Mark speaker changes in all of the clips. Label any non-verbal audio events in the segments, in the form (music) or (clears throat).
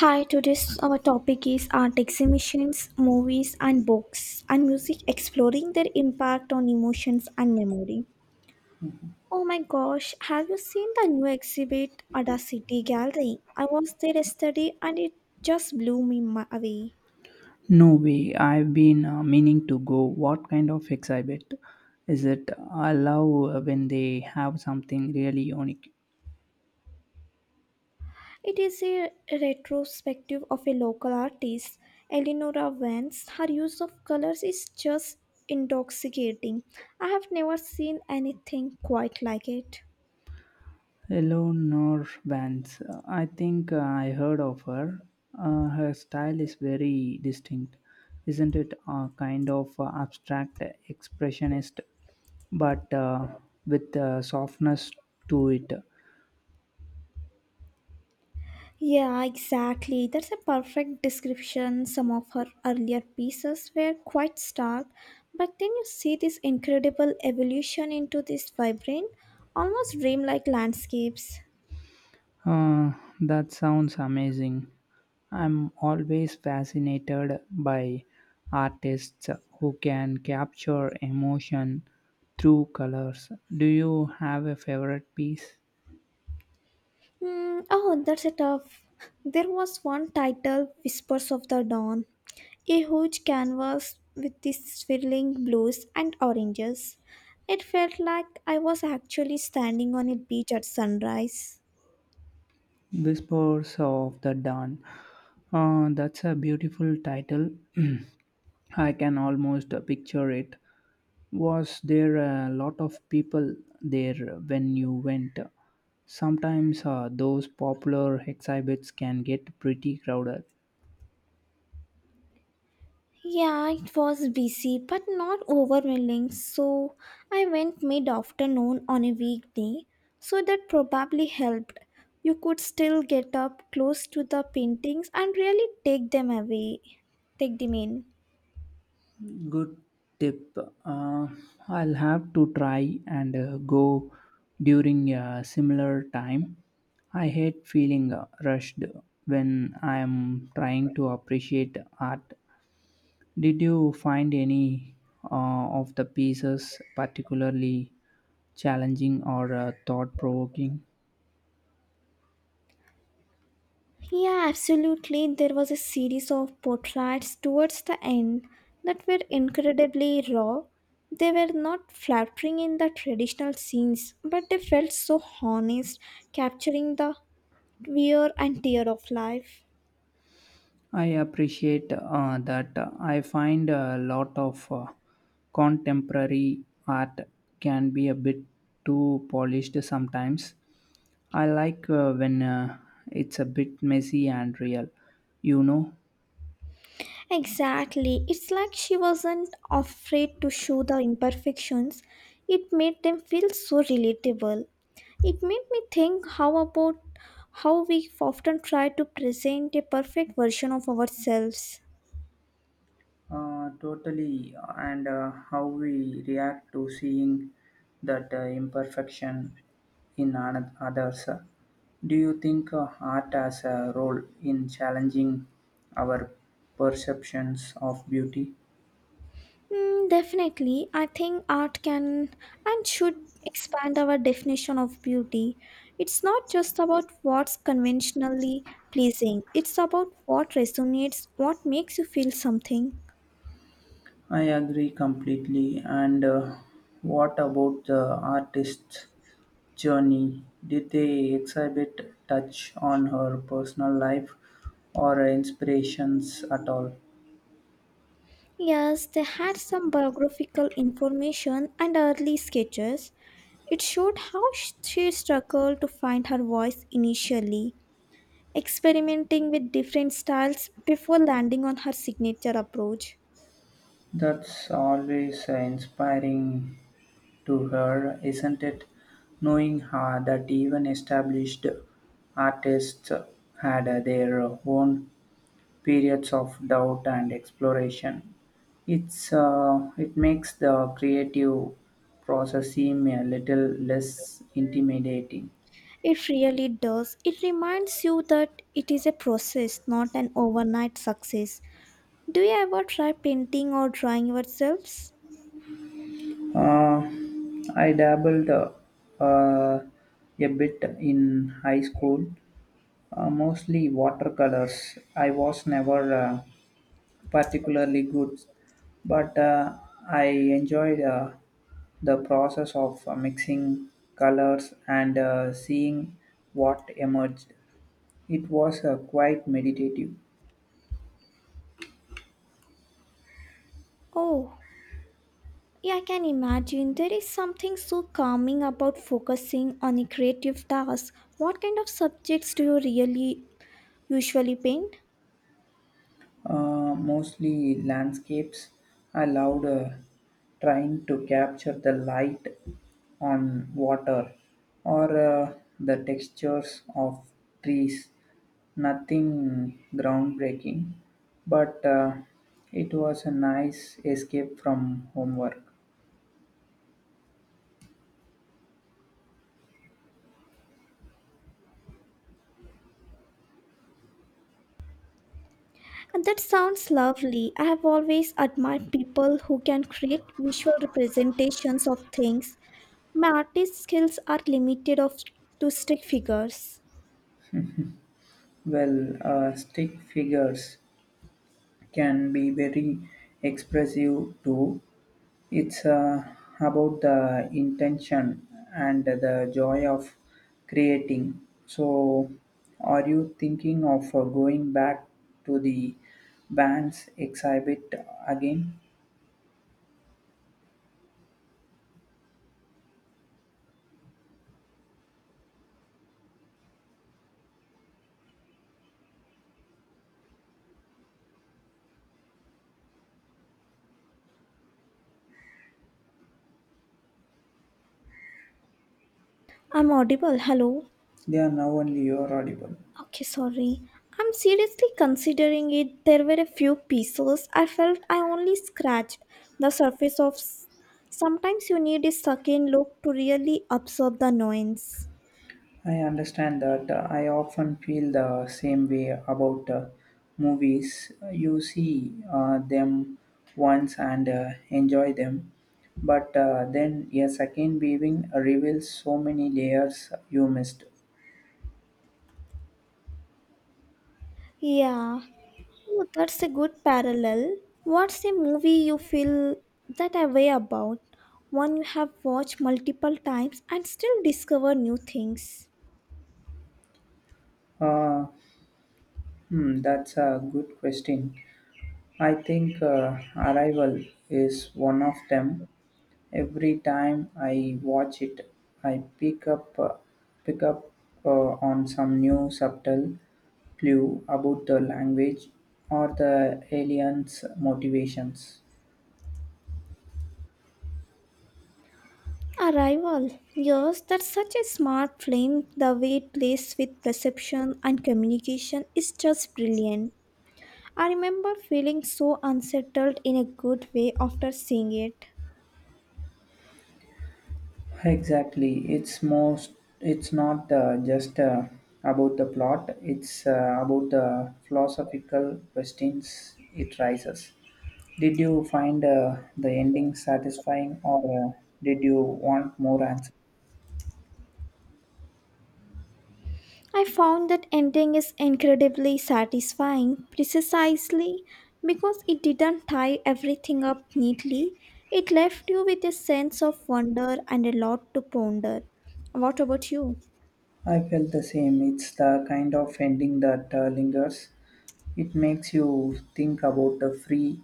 Speaker 1: Hi, today's our topic is art exhibitions, movies and books and music, exploring their impact on emotions and memory. Oh my gosh, have you seen the new exhibit at the City Gallery? I was there yesterday and it just blew me away.
Speaker 2: No way. I've been meaning to go. What kind of exhibit is it? I love when they have something really unique.
Speaker 1: It is a retrospective of a local artist, Eleonora Vance. Her use of colors is just intoxicating. I have never seen anything quite like it.
Speaker 2: Eleanor Vance. I think I heard of her. Her style is very distinct, isn't it? A kind of abstract expressionist, but with softness to it.
Speaker 1: Yeah, exactly. That's a perfect description. Some of her earlier pieces were quite stark, but then you see this incredible evolution into these vibrant, almost dreamlike landscapes.
Speaker 2: Uh, that sounds amazing. I'm always fascinated by artists who can capture emotion through colors. Do you have a favorite piece?
Speaker 1: Hmm. Oh, that's a tough. There was one title, Whispers of the Dawn, a huge canvas with these swirling blues and oranges. It felt like I was actually standing on a beach at sunrise.
Speaker 2: Whispers of the Dawn. That's a beautiful title. (clears throat) I can almost picture it. Was there a lot of people there when you went? Sometimes those popular exhibits can get pretty crowded.
Speaker 1: Yeah, it was busy but not overwhelming. So I went mid afternoon on a weekday, so that probably helped. You could still get up close to the paintings and really take them away. Take them in.
Speaker 2: Good tip. Uh, I'll have to try and go during a similar time. I hate feeling rushed when I am trying to appreciate art. Did you find any uh, of the pieces particularly challenging or thought provoking?
Speaker 1: Yeah, absolutely. There was a series of portraits towards the end that were incredibly raw. They were not flattering in the traditional scenes, but they felt so honest, capturing the wear and tear of life.
Speaker 2: I appreciate that I find a lot of contemporary art can be a bit too polished sometimes. I like when it's a bit messy and real, you know.
Speaker 1: Exactly. It's like she wasn't afraid to show the imperfections. It made them feel so relatable. It made me think how about how we often try to present a perfect version of ourselves.
Speaker 2: Totally, and how we react to seeing that imperfection in others. Do you think art has a role in challenging our perceptions of beauty?
Speaker 1: Mm, definitely. I think art can and should expand our definition of beauty. It's not just about what's conventionally pleasing, it's about what resonates, what makes you feel something.
Speaker 2: I agree completely. And what about the artist's journey? Did they exhibit touch on her personal life or inspirations at all?
Speaker 1: Yes, they had some biographical information and early sketches. It showed how she struggled to find her voice initially, experimenting with different styles before landing on her signature approach.
Speaker 2: That's always inspiring to her, isn't it? Knowing her that even established artists had their own periods of doubt and exploration. It makes the creative process seem a little less intimidating.
Speaker 1: It really does. It reminds you that it is a process, not an overnight success. Do you ever try painting or drawing yourselves?
Speaker 2: Uh, I dabbled a bit in high school. Mostly watercolors. I was never particularly good, but I enjoyed the process of mixing colors and seeing what emerged. It was quite meditative.
Speaker 1: Oh, yeah, I can imagine. There is something so calming about focusing on a creative task. What kind of subjects do you really usually paint?
Speaker 2: Mostly landscapes. I loved trying to capture the light on water or the textures of trees. Nothing groundbreaking, but it was a nice escape from homework.
Speaker 1: And that sounds lovely. I have always admired people who can create visual representations of things. My artist skills are limited of to stick figures.
Speaker 2: Well, stick figures can be very expressive too. It's about the intention and the joy of creating. So, are you thinking of going back to the band's exhibit again?
Speaker 1: I'm audible. Hello.
Speaker 2: They are now only your audible.
Speaker 1: Okay, sorry. I'm seriously considering it. There were a few pieces I felt I only scratched the surface of. Sometimes you need a second look to really absorb the nuance.
Speaker 2: I understand that. I often feel the same way about movies. You see them once and enjoy them, but then a second viewing reveals so many layers you missed.
Speaker 1: Yeah. Oh, that's a good parallel. What's a movie you feel that way about? One you have watched multiple times and still discover new things.
Speaker 2: Uh, hmm, that's a good question. I think Arrival is one of them. Every time I watch it, I pick up on some new subtle clue about the language or the aliens' motivations.
Speaker 1: Arrival. Yes, that's such a smart film. The way it plays with perception and communication is just brilliant. I remember feeling so unsettled in a good way after seeing it.
Speaker 2: Exactly, it's not just about the plot. It's about the philosophical questions it raises. Did you find the ending satisfying, or did you want more answers?
Speaker 1: I found that ending is incredibly satisfying, precisely because it didn't tie everything up neatly. It left you with a sense of wonder and a lot to ponder. What about you?
Speaker 2: I felt the same. It's the kind of ending that lingers. It makes you think about the free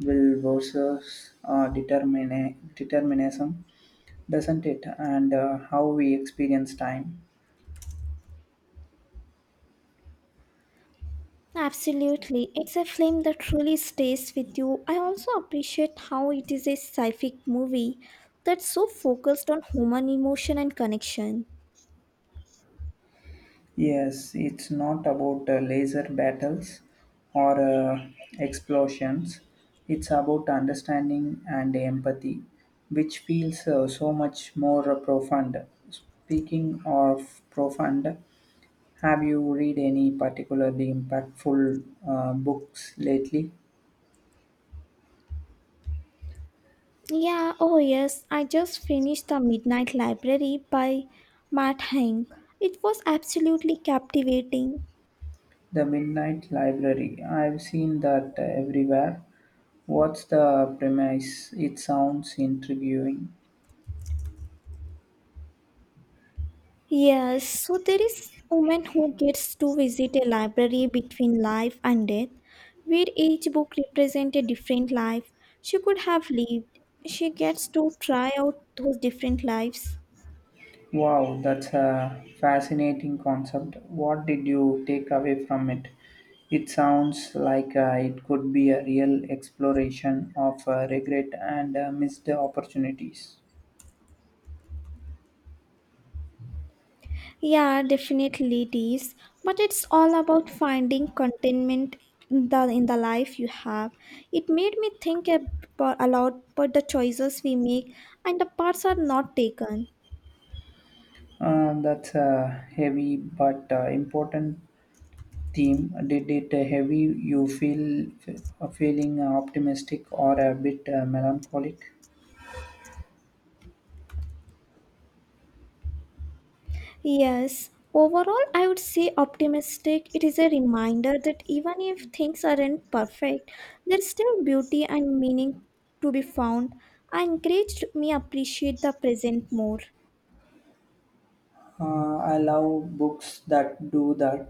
Speaker 2: will versus determinism, doesn't it? And how we experience time.
Speaker 1: Absolutely. It's a film that truly stays with you. I also appreciate how it is a sci-fi movie that's so focused on human emotion and connection.
Speaker 2: Yes, it's not about laser battles or explosions. It's about understanding and empathy, which feels so much more profound. Speaking of profound, have you read any particularly impactful books lately?
Speaker 1: Yeah, oh yes, I just finished The Midnight Library by Matt Haig. It was absolutely captivating.
Speaker 2: The Midnight Library. I've seen that everywhere. What's the premise? It sounds intriguing.
Speaker 1: Yes, so there is woman who gets to visit a library between life and death, where each book represents a different life she could have lived. She gets to try out those different lives.
Speaker 2: Wow, that's a fascinating concept. What did you take away from it? It sounds like it could be a real exploration of regret and missed opportunities.
Speaker 1: Yeah, definitely it is. But it's all about finding contentment in the life you have. It made me think a lot about the choices we make and the parts are not taken.
Speaker 2: That's a heavy but important theme, did it heavy you you feel feeling optimistic or a bit melancholic?
Speaker 1: Yes, overall, I would say optimistic. It is a reminder that even if things aren't perfect, there's still beauty and meaning to be found. I encouraged me appreciate the present more.
Speaker 2: I love books that do that.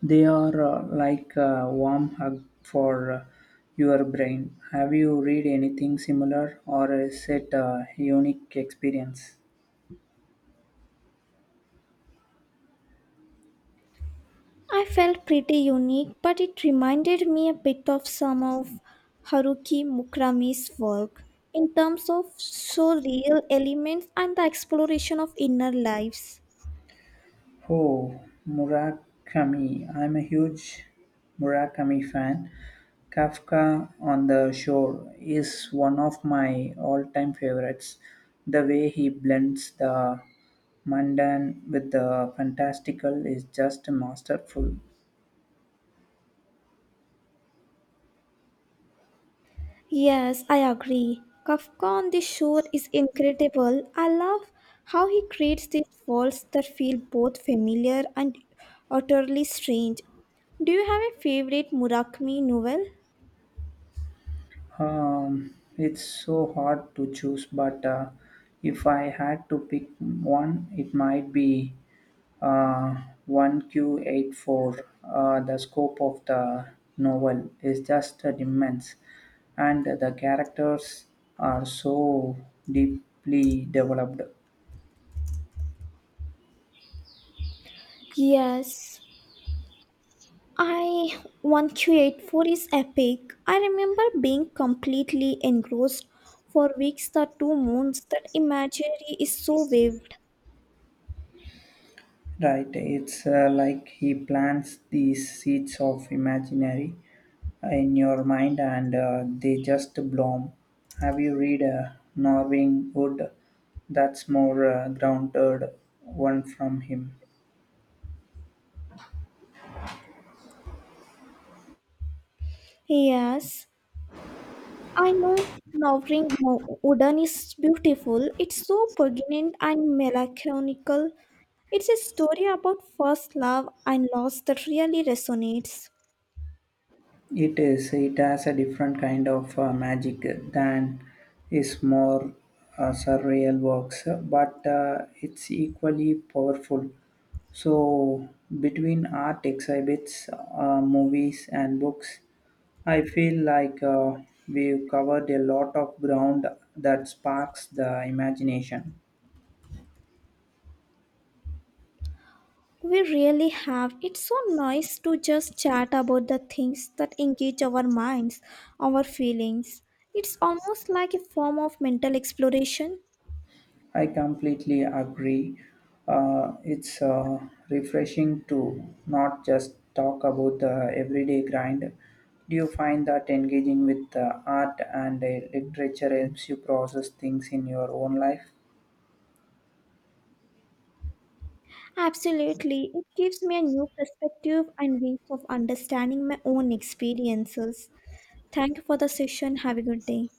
Speaker 2: They are like a warm hug for your brain. Have you read anything similar or is it a unique experience?
Speaker 1: I felt pretty unique, but it reminded me a bit of some of Haruki Murakami's work in terms of so real elements and the exploration of inner lives.
Speaker 2: Oh, Murakami. I'm a huge Murakami fan. Kafka on the Shore is one of my all time favorites. The way he blends the mundane with the fantastical is just masterful.
Speaker 1: Yes, I agree. Kafka on the Shore is incredible. I love how he creates these worlds that feel both familiar and utterly strange. Do you have a favorite Murakami novel?
Speaker 2: It's so hard to choose, but if I had to pick one, it might be uh, 1Q84. The scope of the novel is just immense, and the characters are so deeply developed.
Speaker 1: Yes, I, 1284 is epic. I remember being completely engrossed for weeks. The two moons, that imagery is so vivid.
Speaker 2: Right, it's like he plants these seeds of imaginary in your mind and they just bloom. Have you read Norwing Wood? That's more grounded one from him.
Speaker 1: Yes, I know Nowring Udan is beautiful. It's so poignant and melancholical. It's a story about first love and loss that really resonates.
Speaker 2: It is. It has a different kind of magic than his more surreal works, but it's equally powerful. So, between art exhibits, movies, and books, I feel like we've covered a lot of ground that sparks the imagination.
Speaker 1: We really have. It's so nice to just chat about the things that engage our minds, our feelings. It's almost like a form of mental exploration.
Speaker 2: I completely agree. It's refreshing to not just talk about the everyday grind. Do you find that engaging with art and literature helps you process things in your own life?
Speaker 1: Absolutely. It gives me a new perspective and ways of understanding my own experiences. Thank you for the session. Have a good day.